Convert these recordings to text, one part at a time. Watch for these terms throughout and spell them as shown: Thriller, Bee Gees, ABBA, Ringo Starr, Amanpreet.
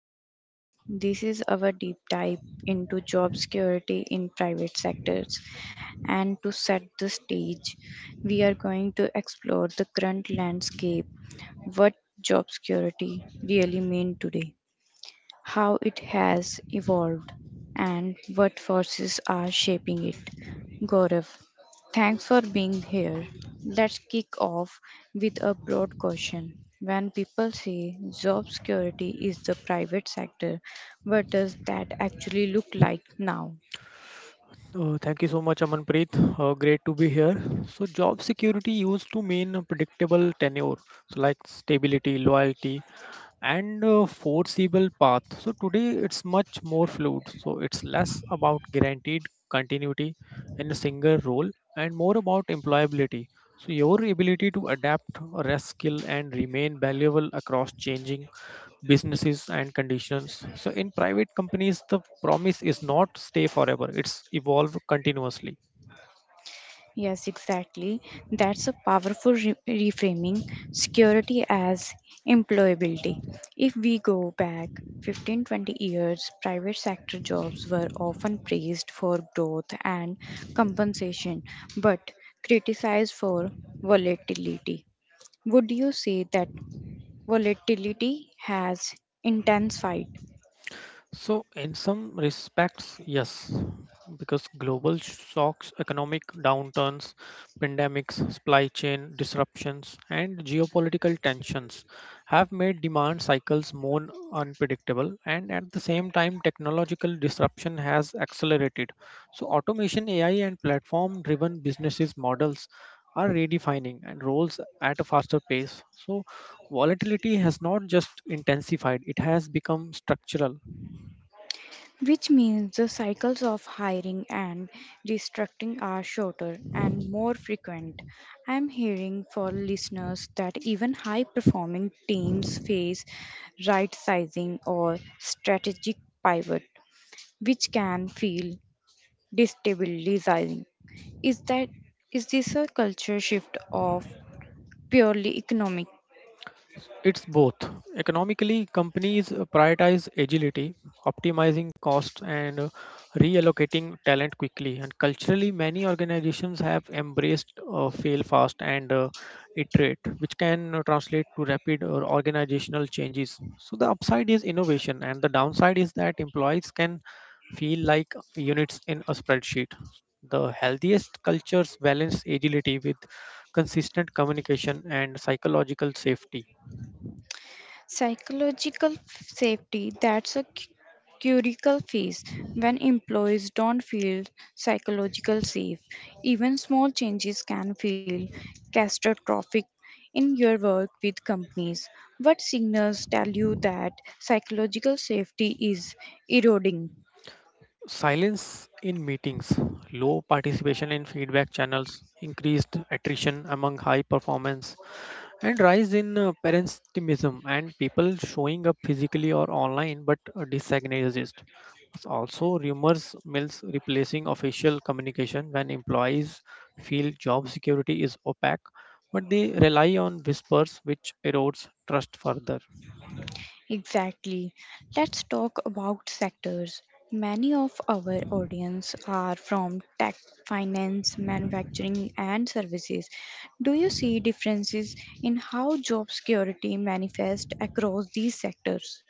podcast. This is our deep dive into job security in private sectors. And to set the stage, we are going to explore the current landscape, what job security really mean today, how it has evolved, and what forces are shaping it. Gaurav, thanks for being here. Let's kick off with a broad question. When people say job security is the private sector, what does that actually look like now? Thank you so much, Amanpreet. Great to be here. So, job security used to mean a predictable tenure, so like stability, loyalty, and a foreseeable path. So, today it's much more fluid. So, it's less about guaranteed continuity in a single role and more about employability. So, your ability to adapt, rest skill, and remain valuable across changing businesses and conditions, so in private companies the promise is not stay forever, it's evolve continuously. Yes, exactly. That's a powerful reframing security as employability. If we go back 15 20 years, private sector jobs were often praised for growth and compensation, but criticized for volatility. Would you say that volatility has intensified? So, in some respects, yes, because global shocks, economic downturns, pandemics, supply chain disruptions, and geopolitical tensions have made demand cycles more unpredictable. And at the same time, technological disruption has accelerated. So, automation, AI, and platform driven businesses models are redefining and roles at a faster pace. So, volatility has not just intensified, it has become structural. Which means the cycles of hiring and restructuring are shorter and more frequent. I'm hearing for listeners that even high performing teams face right sizing or strategic pivot, which can feel destabilizing. Is that is this a culture shift of purely economic? It's both. Economically, companies prioritize agility, optimizing costs, and reallocating talent quickly. And culturally, many organizations have embraced fail fast and iterate, which can translate to rapid or organizational changes. So, the upside is innovation, and the downside is that employees can feel like units in a spreadsheet. The healthiest cultures balance agility with consistent communication and psychological safety. Psychological safety, that's a critical phase. When employees don't feel psychological safe, even small changes can feel catastrophic. In your work with companies, what signals tell you that psychological safety is eroding? Silence in meetings, low participation in feedback channels, increased attrition among high performance, and rise in parentimism and people showing up physically or online but disorganized. Also, rumors mills replacing official communication when employees feel job security is opaque, but they rely on whispers, which erodes trust further. Exactly. Let's talk about sectors. Many of our audience are from tech, finance, manufacturing, and services. Do you see differences in how job security manifests across these sectors?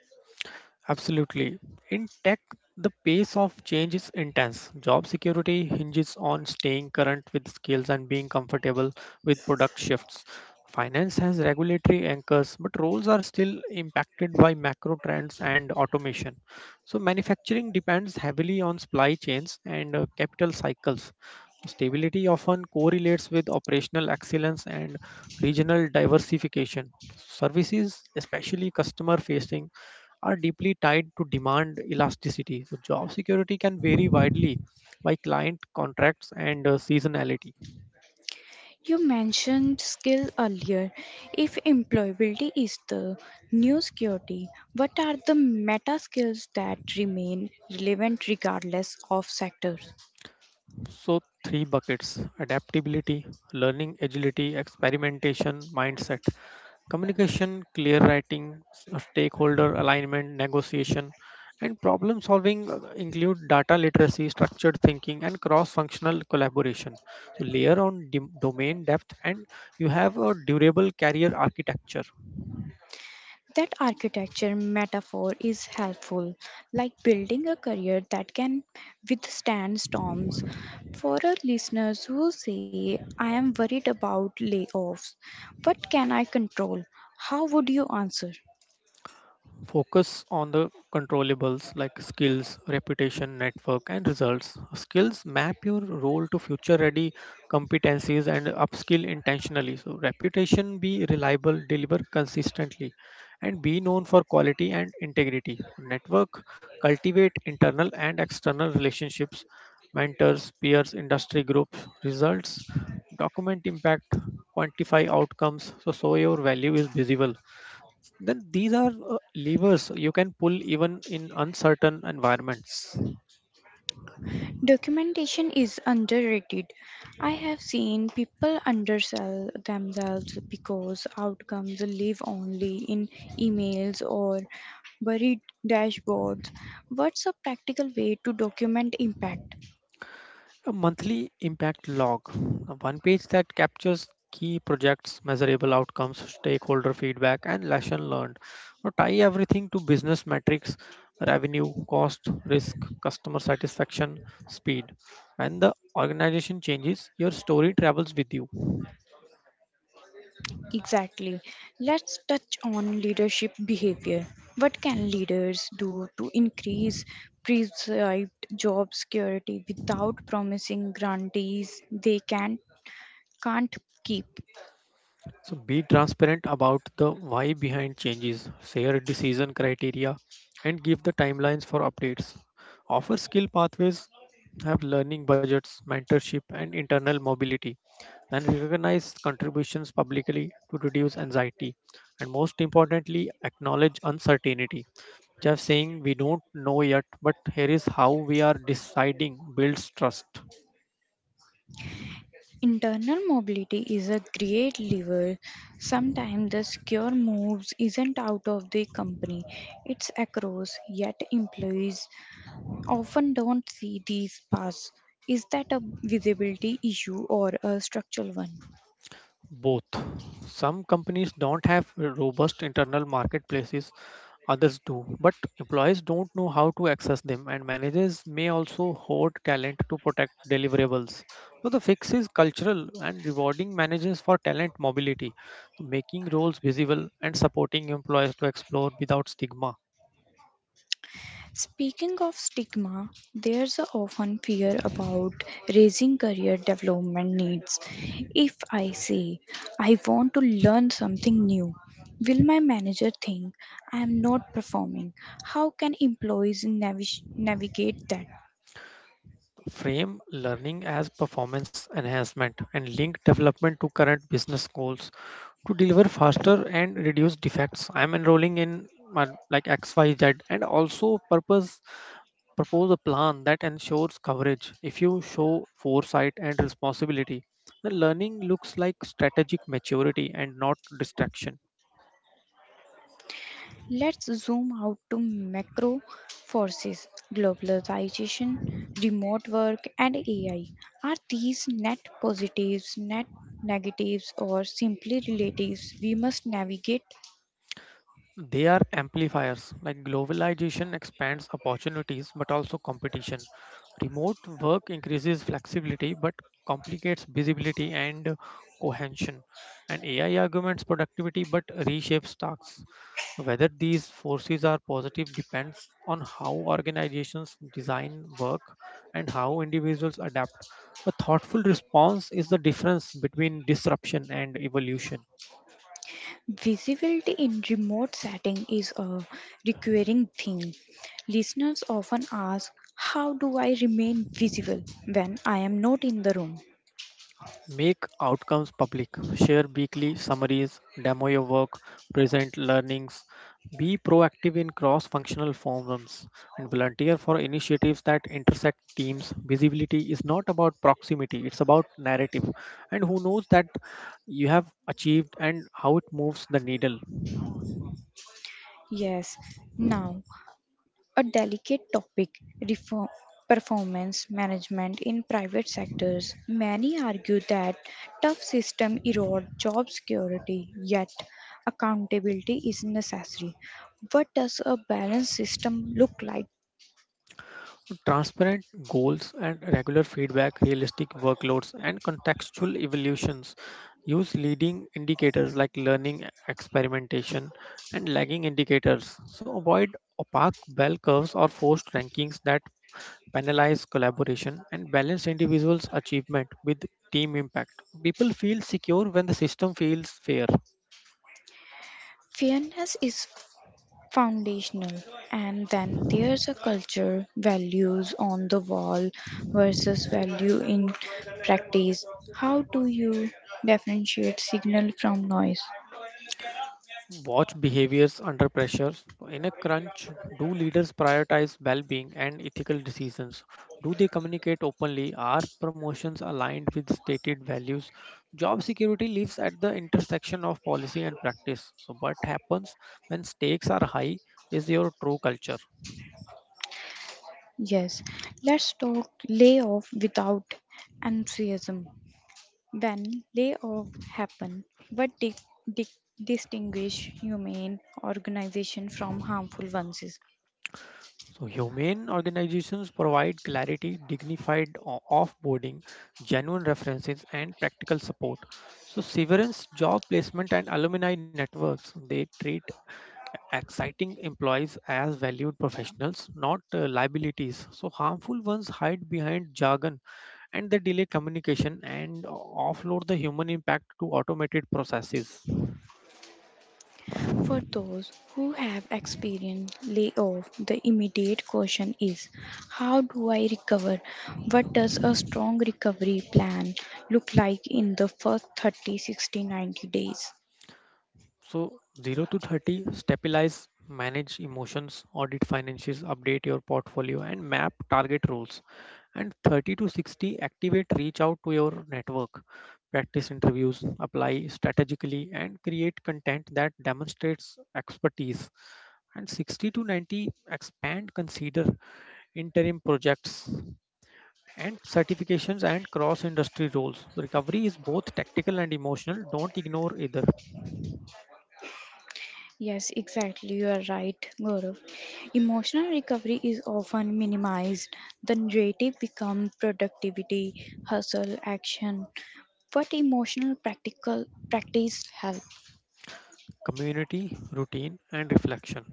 Absolutely. In tech, the pace of change is intense. Job security hinges on staying current with skills and being comfortable with product shifts. Finance has regulatory anchors, but roles are still impacted by macro trends and automation. So, manufacturing depends heavily on supply chains and capital cycles. Stability often correlates with operational excellence and regional diversification. Services, especially customer facing, are deeply tied to demand elasticity. So job security can vary widely by client contracts and seasonality. You mentioned skill earlier. If employability is the new security, what are the meta skills that remain relevant regardless of sectors? So, three buckets: adaptability, learning agility, experimentation, mindset, communication, clear writing, stakeholder alignment, negotiation, and problem solving include data literacy, structured thinking, and cross functional collaboration. So, layer on domain depth, and you have a durable career architecture. That architecture metaphor is helpful, like building a career that can withstand storms. For our listeners who say, I am worried about layoffs, what can I control? How would you answer? Focus on the controllables like skills, reputation, network, and results. Skills map your role to future ready competencies and upskill intentionally. So, reputation be reliable, deliver consistently, and be known for quality and integrity. Network cultivate internal and external relationships, mentors, peers, industry groups, results, document impact, quantify outcomes. So, so your value is visible, then these are levers you can pull even in uncertain environments. Documentation is underrated. I have seen people undersell themselves because outcomes live only in emails or buried dashboards. What's a practical way to document impact? A monthly impact log, a one page that captures key projects, measurable outcomes, stakeholder feedback, and lesson learned. Now, tie everything to business metrics, revenue, cost, risk, customer satisfaction, speed. When the organization changes, your story travels with you. Exactly. Let's touch on leadership behavior. What can leaders do to increase prescribed job security without promising grantees they can't keep? So be transparent about the why behind changes, share decision criteria, and give the timelines for updates. Offer skill pathways, have learning budgets, mentorship, and internal mobility, and recognize contributions publicly to reduce anxiety. And most importantly, acknowledge uncertainty. Just saying we don't know yet, but here is how we are deciding builds trust. Internal mobility is a great lever. Sometimes the secure moves isn't out of the company, it's across, yet employees often don't see these paths. Is that a visibility issue or a structural one? Both. Some companies don't have robust internal marketplaces, others do, but employees don't know how to access them, and managers may also hoard talent to protect deliverables. So, the fix is cultural and rewarding managers for talent mobility, making roles visible and supporting employees to explore without stigma. Speaking of stigma, there's a often fear about raising career development needs. If I say I want to learn something new, will my manager think I am not performing? How can employees navigate that? Frame learning as performance enhancement and link development to current business goals to deliver faster and reduce defects. I'm enrolling in like XYZ and also purpose propose a plan that ensures coverage. If you show foresight and responsibility, the learning looks like strategic maturity and not distraction. Let's zoom out to macro forces. Globalization, remote work, and AI. Are these net positives, net negatives, or simply relatives we must navigate? They are amplifiers. Like globalization expands opportunities but also competition. Remote work increases flexibility but complicates visibility and cohesion. And AI augments productivity but reshapes tasks. Whether these forces are positive depends on how organizations design work and how individuals adapt. A thoughtful response is the difference between disruption and evolution. Visibility in remote setting is a recurring theme. Listeners often ask, how do I remain visible when I am not in the room? Make outcomes public. Share weekly summaries, demo your work, present learnings. Be proactive in cross functional forums and volunteer for initiatives that intersect teams. Visibility is not about proximity, it's about narrative. And who knows that you have achieved and how it moves the needle. Yes, now a delicate topic, reform performance management in private sectors. Many argue that tough system erode job security, yet accountability is necessary. What does a balanced system look like? Transparent goals and regular feedback, realistic workloads, and contextual evaluations use leading indicators like learning, experimentation, and lagging indicators. So avoid opaque bell curves or forced rankings that penalize collaboration and balance individuals' achievement with team impact. People feel secure when the system feels fair. Fairness is foundational. And then there's a culture, values on the wall versus value in practice. How do you differentiate signal from noise? Watch behaviors under pressure. In a crunch, do leaders prioritize well being and ethical decisions? Do they communicate openly? Are promotions aligned with stated values? Job security lives at the intersection of policy and practice. So, what happens when stakes are high is your true culture. Yes, let's talk layoff without enthusiasm. When layoff happen, what di- distinguish humane organization from harmful ones? Is? So, humane organizations provide clarity, dignified offboarding, genuine references, and practical support. So, severance, job placement, and alumni networks, they treat exciting employees as valued professionals, not liabilities. So, harmful ones hide behind jargon and they delay communication and offload the human impact to automated processes. For those who have experienced layoff, the immediate question is, how do I recover? What does a strong recovery plan look like in the first 30, 60, 90 days? So, 0 to 30, stabilize, manage emotions, audit financials, update your portfolio, and map target roles. And 30 to 60, activate, reach out to your network, practice interviews, apply strategically, and create content that demonstrates expertise. And 60 to 90, expand, consider interim projects and certifications and cross industry roles. Recovery is both tactical and emotional. Don't ignore either. Yes, exactly. You are right, Gaurav. Emotional recovery is often minimized. The narrative becomes productivity, hustle, action. But emotional practical practice has Community, routine, and reflection.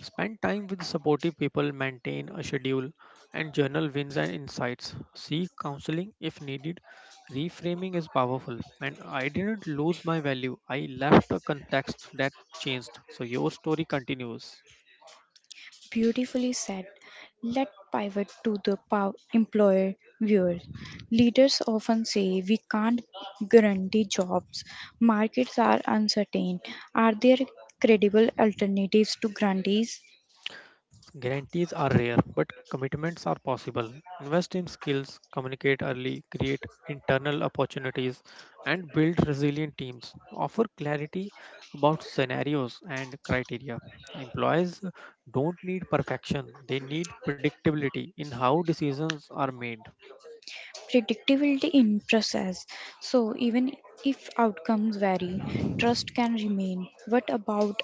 Spend time with supportive people, maintain a schedule, and journal wins and insights. Seek counseling if needed. Reframing is powerful, and I didn't lose my value. I left a context that changed, so your story continues. beautifully said, let pivot to the employer viewers. Leaders often say we can't guarantee jobs. Markets are uncertain. Are there credible alternatives to grantees? Guarantees are rare, but commitments are possible. Invest in skills, communicate early, create internal opportunities, and build resilient teams. Offer clarity about scenarios and criteria. Employees don't need perfection, they need predictability in how decisions are made. Predictability in process. So even if outcomes vary, trust can remain. What about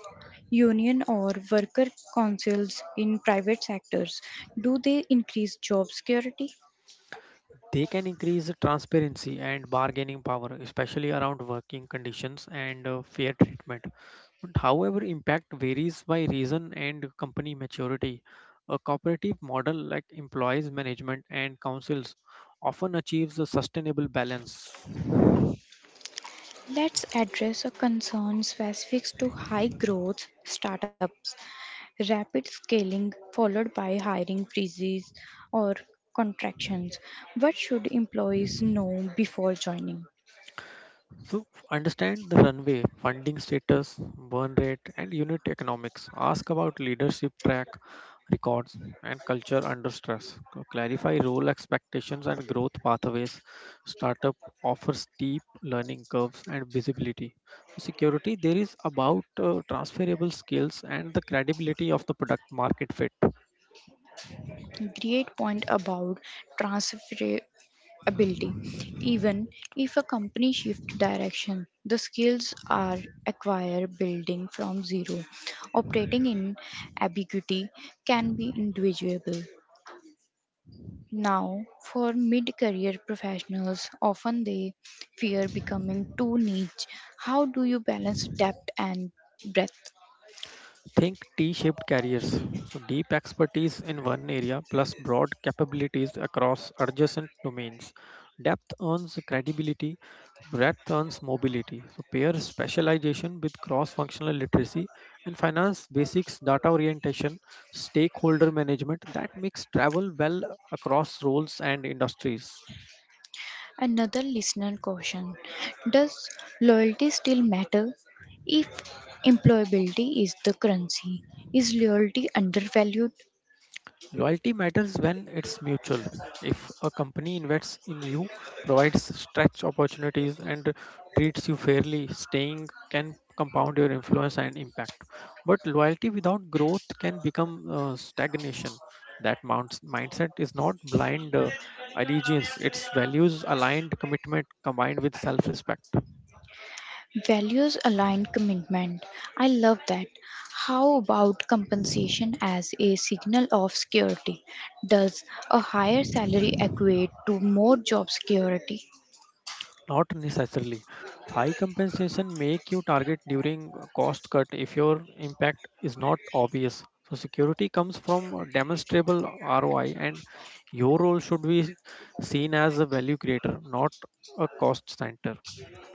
union or worker councils in private sectors? Do they increase job security? They can increase transparency and bargaining power, especially around working conditions and fair treatment. But however, impact varies by region and company maturity. A cooperative model like employees management and councils often achieves a sustainable balance. Let's address a concern specific to high growth startups, rapid scaling followed by hiring freezes or contractions. What should employees know before joining? So understand the runway, funding status, burn rate, and unit economics. Ask about leadership track records and culture under stress. Clarify role expectations and growth pathways. Startup offers steep learning curves and visibility. So security there is about transferable skills and the credibility of the product market fit. Great point about transferability. Even if a company shifts direction, the skills are acquired building from zero. Operating in ambiguity can be individual. Now, for mid career professionals, often they fear becoming too niche. How do you balance depth and breadth? Think T-shaped careers. So deep expertise in one area plus broad capabilities across adjacent domains. Depth earns credibility, breadth earns mobility. So pair specialization with cross-functional literacy and finance basics, data orientation, stakeholder management that makes travel well across roles and industries. Another listener question: does loyalty still matter? If employability is the currency, is loyalty undervalued? Loyalty matters when it's mutual. If a company invests in you, provides stretch opportunities, and treats you fairly, staying can compound your influence and impact. But loyalty without growth can become stagnation. That mounts, mindset is not blind allegiance, it's values aligned commitment combined with self respect. Values aligned commitment. I love that. How about compensation as a signal of security? Does a higher salary equate to more job security? Not necessarily. High compensation make you target during cost cut if your impact is not obvious. So security comes from a demonstrable ROI and your role should be seen as a value creator, not a cost center.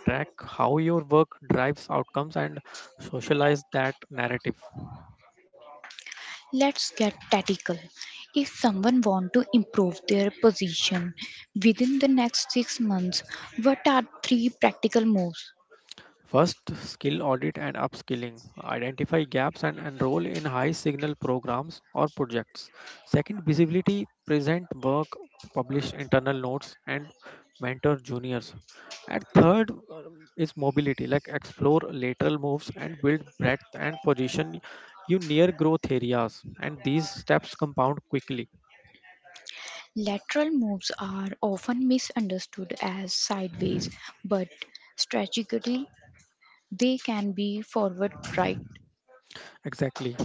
Track how your work drives outcomes and socialize that narrative. Let's get tactical. If someone want to improve their position within the next 6 months, what are three practical moves? First, skill audit and upskilling. Identify gaps and enroll in high signal programs or projects. Second, visibility. Present work, publish internal notes, and mentor juniors. And third is mobility, like explore lateral moves and build breadth and position you near growth areas. And these steps compound quickly. Lateral moves are often misunderstood as sideways, but strategically they can be forward, right. Exactly.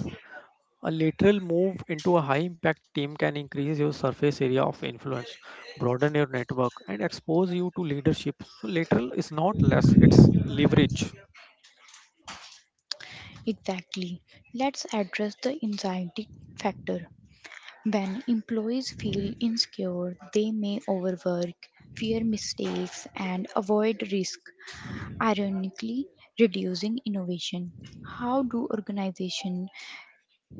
A lateral move into a high impact team can increase your surface area of influence, broaden your network, and expose you to leadership. So, lateral is not less, it's leverage. Exactly. Let's address the anxiety factor. When employees feel insecure, they may overwork, fear mistakes, and avoid risk, ironically reducing innovation. How do organizations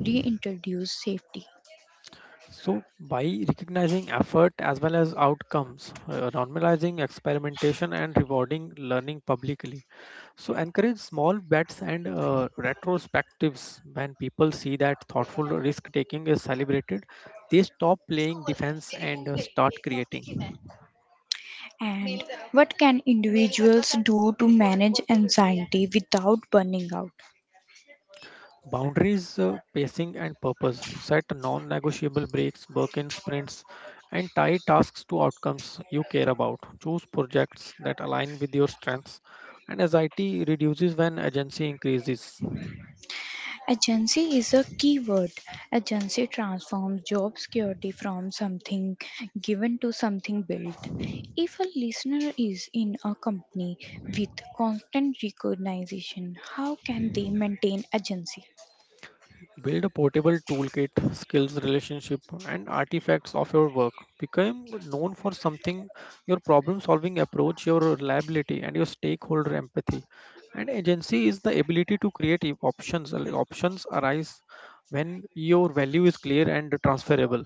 reintroduce safety? So, by recognizing effort as well as outcomes, normalizing experimentation, and rewarding learning publicly, so encourage small bets and retrospectives. When people see that thoughtful risk taking is celebrated, they stop playing defense and start creating. And what can individuals do to manage anxiety without burning out? Boundaries, pacing, and purpose. Set non negotiable breaks, work in sprints, and tie tasks to outcomes you care about. Choose projects that align with your strengths, and anxiety reduces when agency increases. Agency is a key word. Agency transforms job security from something given to something built. If a listener is in a company with constant recognition, how can they maintain agency? Build a portable toolkit, skills, relationship, and artifacts of your work. Become known for something, your problem solving approach, your reliability, and your stakeholder empathy. And agency is the ability to create options. Like, options arise when your value is clear and transferable.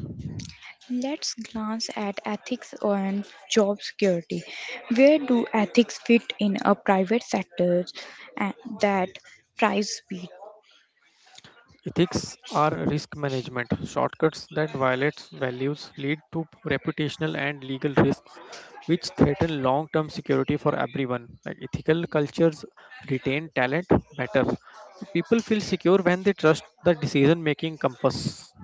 Let's glance at ethics and job security. Where do ethics fit in a private sector and that thrives speed? Ethics are risk management. Shortcuts that violate values lead to reputational and legal risks, which threaten long term security for everyone. Like ethical cultures retain talent better. People feel secure when they trust the decision making compass.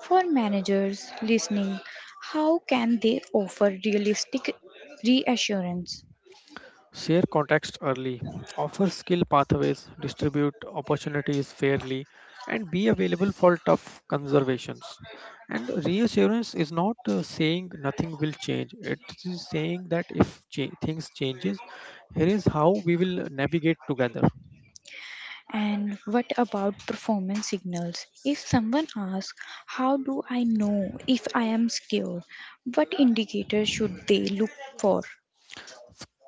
For managers listening, how can they offer realistic reassurance? Share context early, offer skill pathways, distribute opportunities fairly, and be available for tough conservations. And reassurance is not saying nothing will change. It is saying that if things changes, here is how we will navigate together. And what about performance signals? If someone asks, how do I know if I am secure? What indicators should they look for?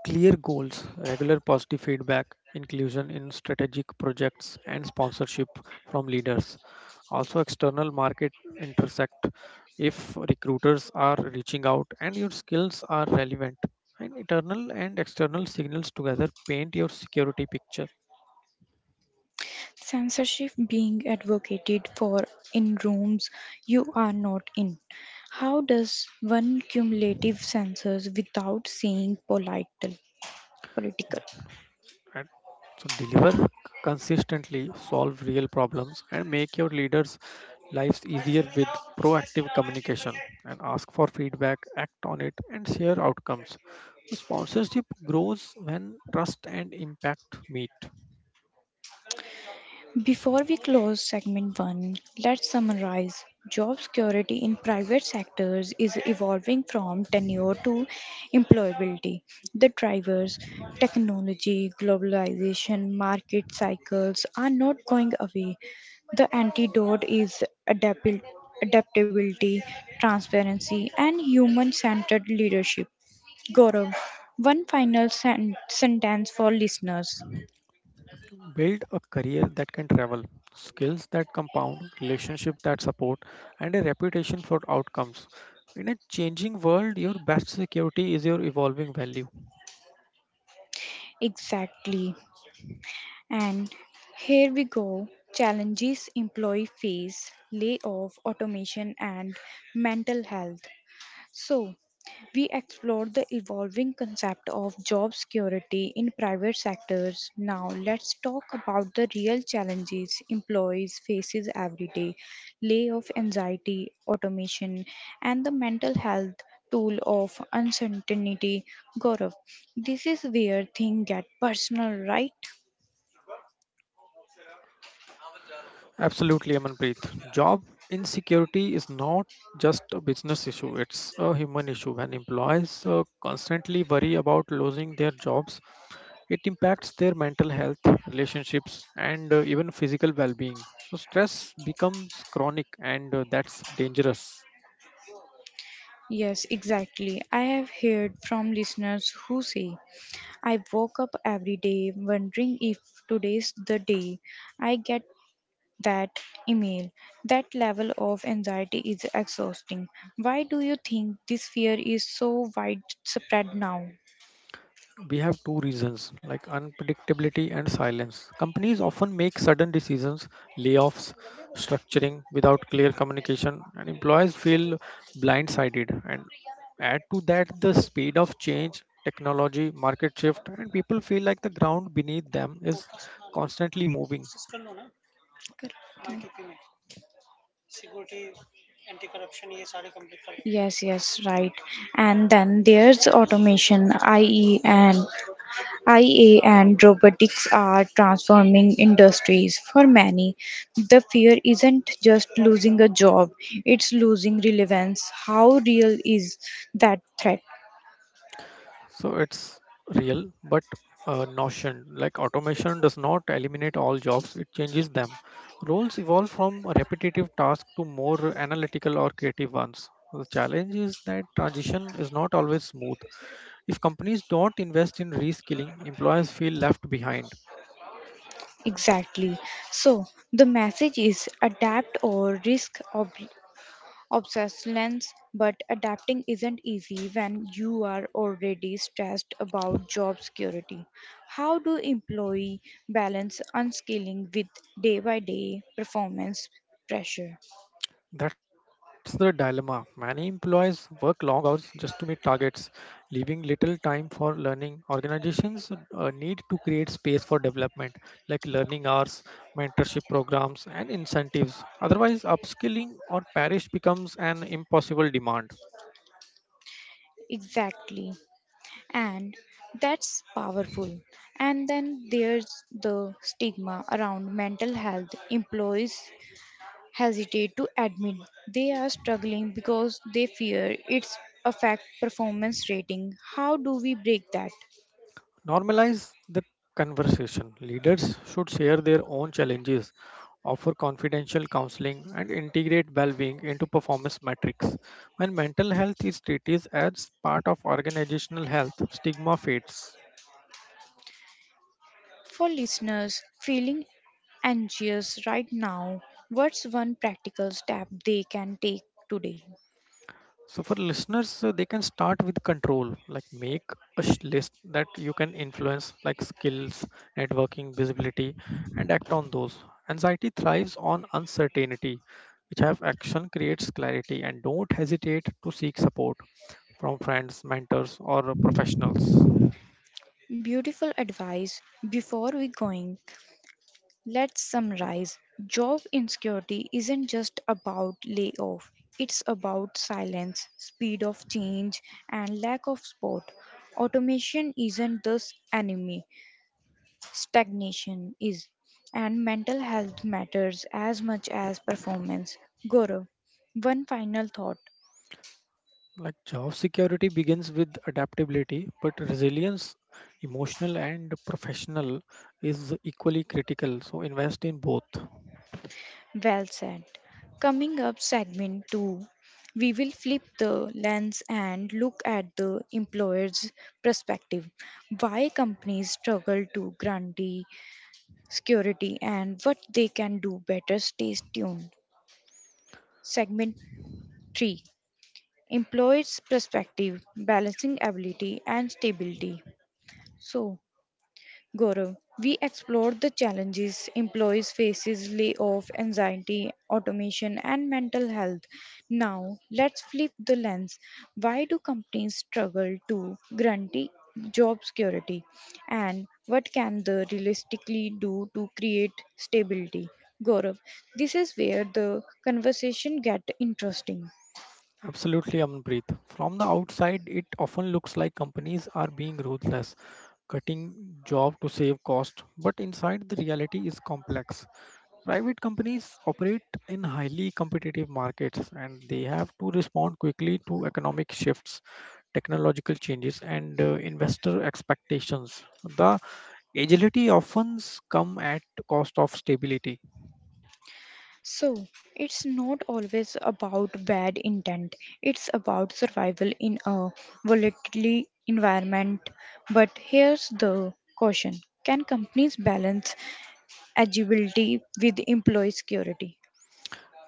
Clear goals, regular positive feedback, inclusion in strategic projects, and sponsorship from leaders. Also, external market intersect if recruiters are reaching out and your skills are relevant. And internal and external signals together paint your security picture. Censorship being advocated for in rooms you are not in. How does one cumulative censors without saying political? Political. Right? So deliver consistently, solve real problems, and make your leaders' lives easier with proactive communication. And ask for feedback, act on it, and share outcomes. Sponsorship grows when trust and impact meet. Before we close segment 1, let's summarize. Job security in private sectors is evolving from tenure to employability. The drivers, technology, globalization, market cycles are not going away. The antidote is adaptability, transparency, and human centered leadership. Gaurav, one final sentence for listeners. Build a career that can travel, skills that compound, relationship that support, and a reputation for outcomes. In a changing world, your best security is your evolving value. Exactly. And here we go, challenges employee face, layoff, automation, and mental health. So, we explored the evolving concept of job security in private sectors. Now, let's talk about the real challenges employees faces every day, layoff anxiety, automation, and the mental health tool of uncertainty. Gaurav, this is where things get personal, right? Absolutely, Amanpreet. Job insecurity is not just a business issue, it's a human issue. When employees constantly worry about losing their jobs, it impacts their mental health, relationships, and even physical well being. So, stress becomes chronic, and that's dangerous. Yes, exactly. I have heard from listeners who say, I woke up every day wondering if today's the day I get that email. That level of anxiety is exhausting. Why do you think this fear is so widespread now? We have two reasons like unpredictability and silence. Companies often make sudden decisions, layoffs, structuring without clear communication, and employees feel blindsided. And add to that the speed of change, technology, market shift, and people feel like the ground beneath them is constantly moving. Yes, yes, right. And then there's automation, IE, and IA and robotics are transforming industries. For many, the fear isn't just losing a job, it's losing relevance. How real is that threat? So it's real, but notion like automation does not eliminate all jobs, it changes them. Roles evolve from repetitive tasks to more analytical or creative ones. The challenge is that transition is not always smooth. If companies don't invest in reskilling, employers feel left behind. Exactly. So, the message is adapt or risk obsolescence, but adapting isn't easy when you are already stressed about job security. How do employee balance unskilling with day by day performance pressure? That's the dilemma. Many employees work long hours just to meet targets, leaving little time for learning. Organizations need to create space for development, like learning hours, mentorship programs, and incentives. Otherwise, upskilling or perish becomes an impossible demand. Exactly. And that's powerful. And then there's the stigma around mental health. Employees hesitate to admit they are struggling because they fear it's affect performance rating. How do we break that? Normalize the conversation. Leaders should share their own challenges, offer confidential counseling, and integrate well being into performance metrics. When mental health is treated as part of organizational health, stigma fades. For listeners feeling anxious right now, what's one practical step they can take today? So for listeners, they can start with control, like make a list that you can influence, like skills, networking, visibility, and act on those. Anxiety thrives on uncertainty, which have action creates clarity, and don't hesitate to seek support from friends, mentors, or professionals. Beautiful advice. Before we going, let's summarize. Job insecurity isn't just about layoff, it's about silence, speed of change, and lack of support. Automation isn't the enemy, stagnation is. And mental health matters as much as performance. Guru, one final thought. Like job security begins with adaptability, but resilience, emotional and professional, is equally critical. So invest in both. Well said. Coming up, segment two, we will flip the lens and look at the employer's perspective. Why companies struggle to guarantee security and what they can do better. Stay tuned. Segment three, employer's perspective, balancing ability and stability. So, Gaurav, we explored the challenges employees faces layoff, anxiety, automation and mental health. Now, let's flip the lens. Why do companies struggle to guarantee job security, and what can they realistically do to create stability? Gaurav, this is where the conversation get interesting. Absolutely, Amanpreet. From the outside, it often looks like companies are being ruthless, cutting job to save cost. But inside, the reality is complex. Private companies operate in highly competitive markets, and they have to respond quickly to economic shifts, technological changes, and investor expectations. The agility often comes at cost of stability. So, it's not always about bad intent. It's about survival in a volatile environment. But here's the caution. Can companies balance agility with employee security?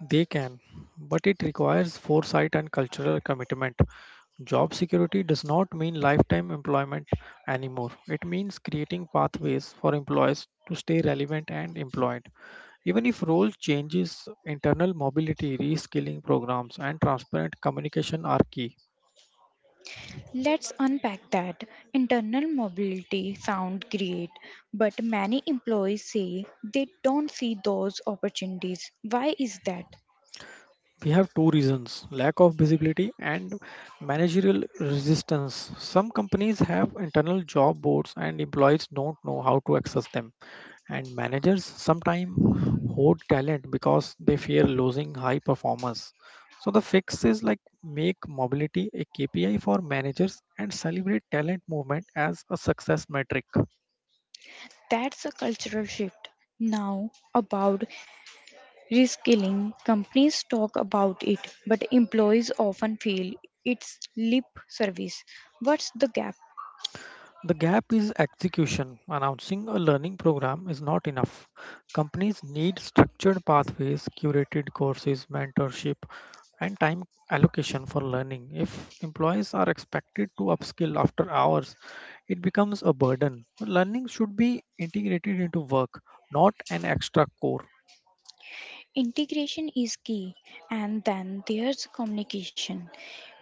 They can, but it requires foresight and cultural commitment. Job security does not mean lifetime employment anymore. It means creating pathways for employees to stay relevant and employed. Even if role changes, internal mobility, reskilling programs, and transparent communication are key. Let's unpack that. Internal mobility sound great, but many employees say they don't see those opportunities. Why is that? We have two reasons: lack of visibility and managerial resistance. Some companies have internal job boards and employees don't know how to access them, and managers sometimes hoard talent because they fear losing high performers. So the fix is like make mobility a KPI for managers and celebrate talent movement as a success metric. That's a cultural shift. Now about reskilling, companies talk about it, but employees often feel it's lip service. What's the gap? The gap is execution. Announcing a learning program is not enough. Companies need structured pathways, curated courses, mentorship, and time allocation for learning. If employees are expected to upskill after hours, it becomes a burden. Learning should be integrated into work, not an extra core. Integration is key, and then there's communication.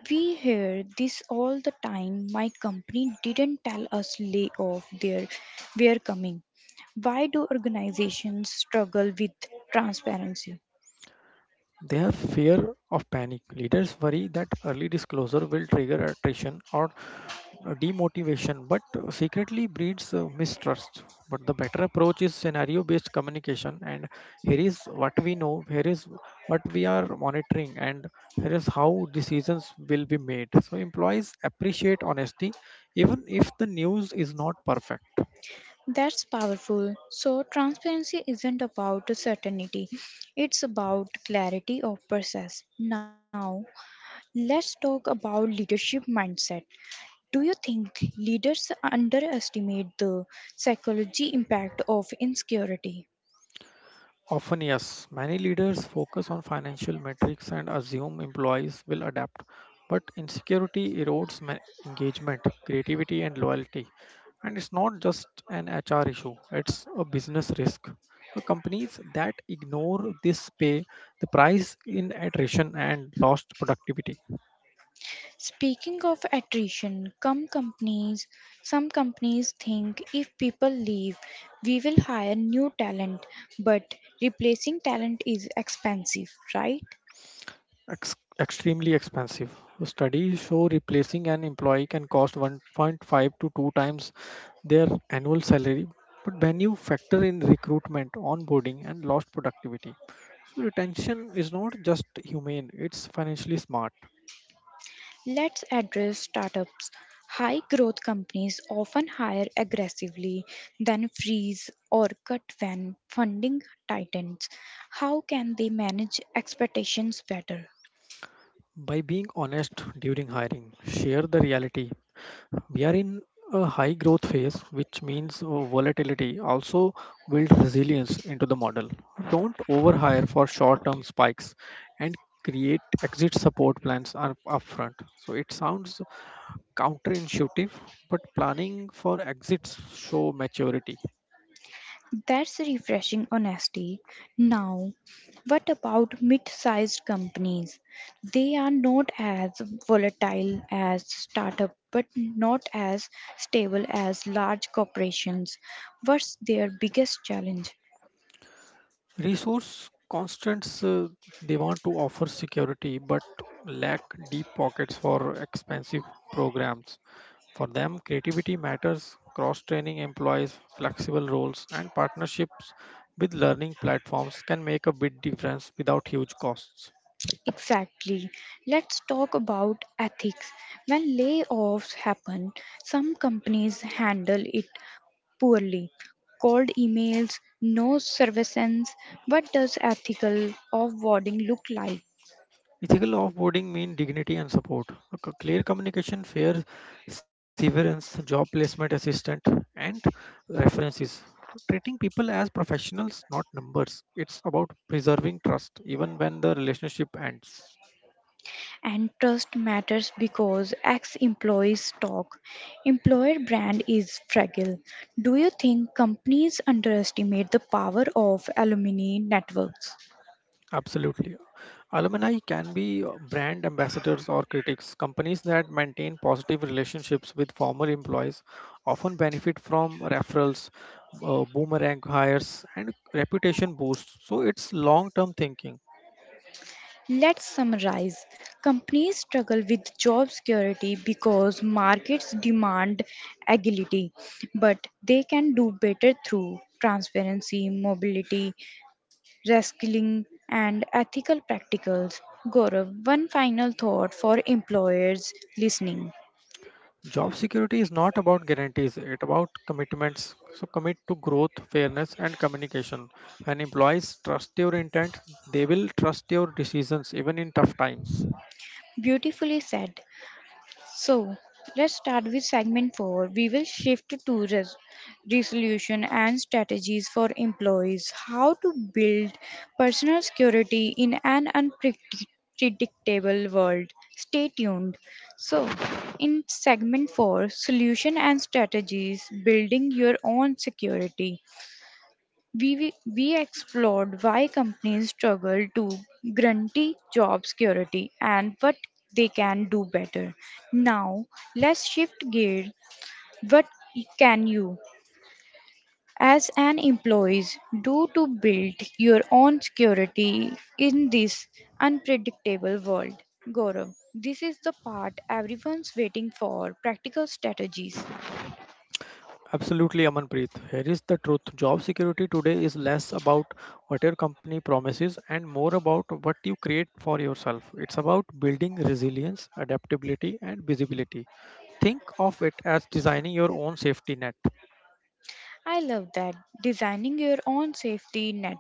We hear this all the time. My company didn't tell us lay off their we're coming. Why do organizations struggle with transparency? They have fear of panic. Leaders worry that early disclosure will trigger attrition or demotivation, but secretly breeds mistrust. But the better approach is scenario based communication. And here is what we know, here is what we are monitoring, and here is how decisions will be made. So, employees appreciate honesty, even if the news is not perfect. That's powerful. So, transparency isn't about certainty, it's about clarity of process. Now, let's talk about leadership mindset. Do you think leaders underestimate the psychology impact of insecurity? Often, yes, many leaders focus on financial metrics and assume employees will adapt. But insecurity erodes engagement, creativity, and loyalty. And it's not just an HR issue, it's a business risk. Companies that ignore this pay the price in attrition and lost productivity. Speaking of attrition, some companies think if people leave, we will hire new talent, but replacing talent is expensive, right? Extremely expensive. Studies show replacing an employee can cost 1.5 to 2 times their annual salary. But when you factor in recruitment, onboarding, and lost productivity, so retention is not just humane, it's financially smart. Let's address startups. High growth companies often hire aggressively, then freeze or cut when funding tightens. How can they manage expectations better? By being honest during hiring, share the reality. We are in a high growth phase, which means volatility. Also, build resilience into the model. Don't overhire for short term spikes and create exit support plans upfront. So, it sounds counterintuitive, but planning for exits show maturity. That's refreshing honesty. Now, what about mid sized companies? They are not as volatile as startup but not as stable as large corporations. What's their biggest challenge? Resource constraints, they want to offer security but lack deep pockets for expensive programs. For them, creativity matters, cross training employees, flexible roles, and partnerships with learning platforms can make a big difference without huge costs. Exactly. Let's talk about ethics. When layoffs happen, some companies handle it poorly. Cold emails, no surveillance. What does ethical offboarding look like? Ethical offboarding means dignity and support, a clear communication, fair severance, job placement assistant, and references. So treating people as professionals, not numbers. It's about preserving trust even when the relationship ends. And trust matters because ex employees talk. Employer brand is fragile. Do you think companies underestimate the power of alumni networks? Absolutely. Alumni can be brand ambassadors or critics. Companies that maintain positive relationships with former employees often benefit from referrals, boomerang hires, and reputation boosts. So it's long term thinking. Let's summarize. Companies struggle with job security because markets demand agility, but they can do better through transparency, mobility, reskilling, and ethical practicals. Gaurav, one final thought for employers listening. Job security is not about guarantees, it's about commitments. So commit to growth, fairness, and communication. When employees trust your intent, they will trust your decisions even in tough times. Beautifully said. So, let's start with segment 4. We will shift to resolution and strategies for employees. How to build personal security in an unpredictable world. Stay tuned. So, in segment 4, solution and strategies building your own security. We explored why companies struggle to guarantee job security and what they can do better. Now, let's shift gear. What can you, as an employee, do to build your own security in this unpredictable world? Gaurav, this is the part everyone's waiting for practical strategies. Absolutely, Amanpreet. Here is the truth. Job security today is less about what your company promises and more about what you create for yourself. It's about building resilience, adaptability, and visibility. Think of it as designing your own safety net. I love that. Designing your own safety net.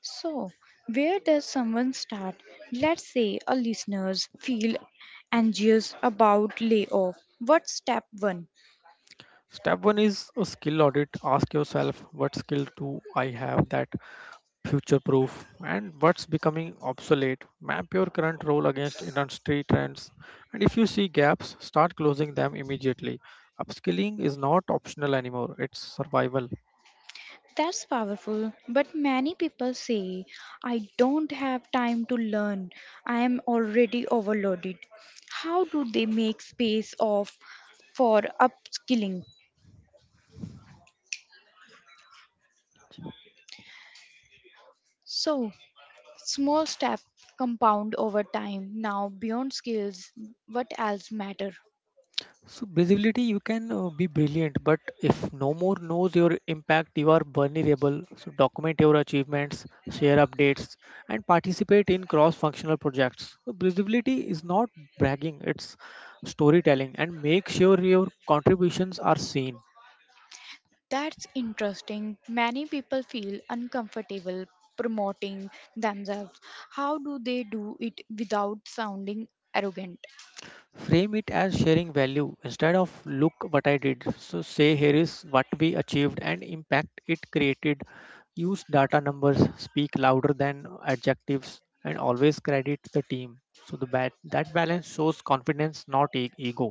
So, where does someone start? Let's say a listeners feel anxious about layoff. What's step 1? Step one is a skill audit. Ask yourself, what skill do I have that future proof, and what's becoming obsolete. Map your current role against industry trends, and if you see gaps, start closing them immediately. Upskilling is not optional anymore, it's survival. That's powerful, but many people say, I don't have time to learn. I am already overloaded. How do they make space of for upskilling? So, small step compound over time. Now, beyond skills, what else matter? So, visibility. You can be brilliant, but if no more knows your impact, you are vulnerable. So, document your achievements, share updates, and participate in cross functional projects. So, visibility is not bragging, it's storytelling, and make sure your contributions are seen. That's interesting. Many people feel uncomfortable promoting themselves. How do they do it without sounding arrogant? Frame it as sharing value instead of look what I did. So say here is what we achieved and impact it created. Use data. Numbers speak louder than adjectives, and always credit the team. So that balance shows confidence, not ego.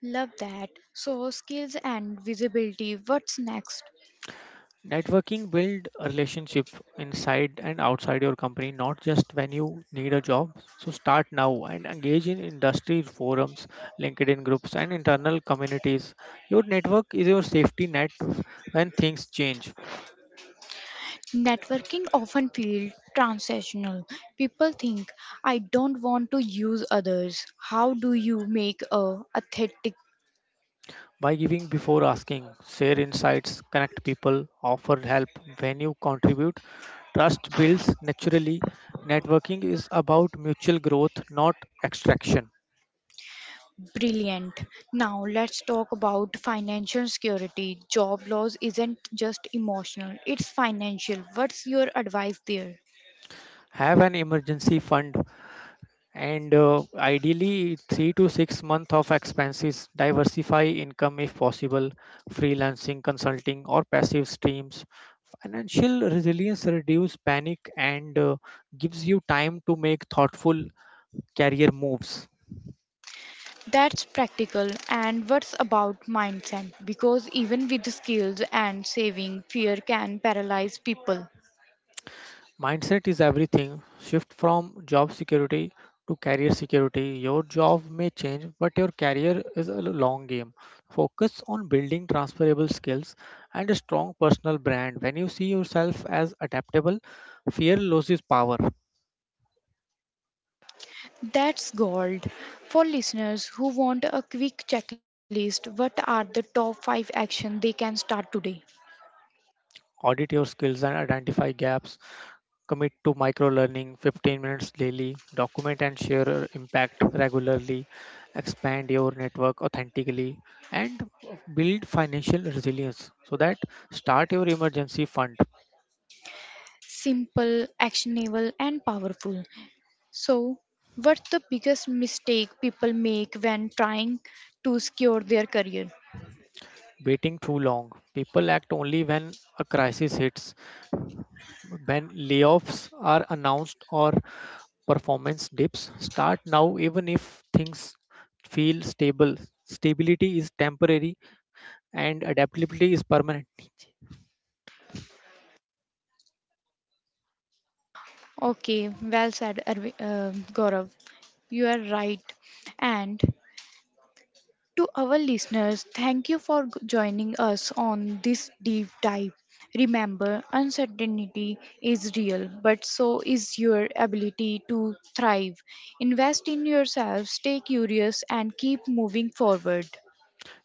Love that. So, skills and visibility. What's next? Networking. Build a relationship inside and outside your company, not just when you need a job. So start now and engage in industry forums, LinkedIn groups, and internal communities. Your network is your safety net when things change. Networking often feels transactional. People think, I don't want to use others. How do you make a authentic? By giving before asking, share insights, connect people, offer help. When you contribute, trust builds naturally. Networking is about mutual growth, not extraction. Brilliant. Now let's talk about financial security. Job loss isn't just emotional, it's financial. What's your advice there? Have an emergency fund and ideally 3 to 6 month of expenses. Diversify income if possible, freelancing, consulting, or passive streams. Financial resilience reduce panic and gives you time to make thoughtful career moves. That's practical. And what's about mindset? Because even with skills and saving, fear can paralyze people. Mindset is everything. Shift from job security to career security. Your job may change, but your career is a long game. Focus on building transferable skills and a strong personal brand. When you see yourself as adaptable, fear loses power. That's gold. For listeners who want a quick checklist, what are the top 5 actions they can start today? Audit your skills and identify gaps, commit to micro learning 15 minutes daily, document and share your impact regularly, expand your network authentically, and build financial resilience so that start your emergency fund. Simple, actionable, and powerful. So, what's the biggest mistake people make when trying to secure their career? Waiting too long. People act only when a crisis hits, when layoffs are announced or performance dips. Start now even if things feel stable. Stability is temporary and adaptability is permanent. Okay, well said, Gaurav. You are right. And to our listeners, thank you for joining us on this deep dive. Remember, uncertainty is real, but so is your ability to thrive. Invest in yourself, stay curious, and keep moving forward.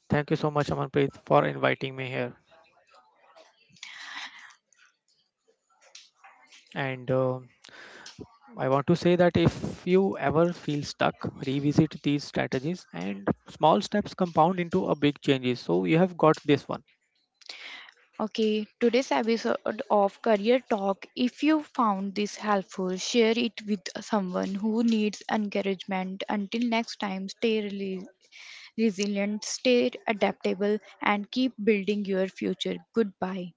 Thank you so much, Amanpreet, for inviting me here. And I want to say that if you ever feel stuck, revisit these strategies and small steps compound into a big changes. So you have got this one. Okay, today's episode of Career Talk. If you found this helpful, share it with someone who needs encouragement. Until next time, stay resilient, stay adaptable, and keep building your future. Goodbye.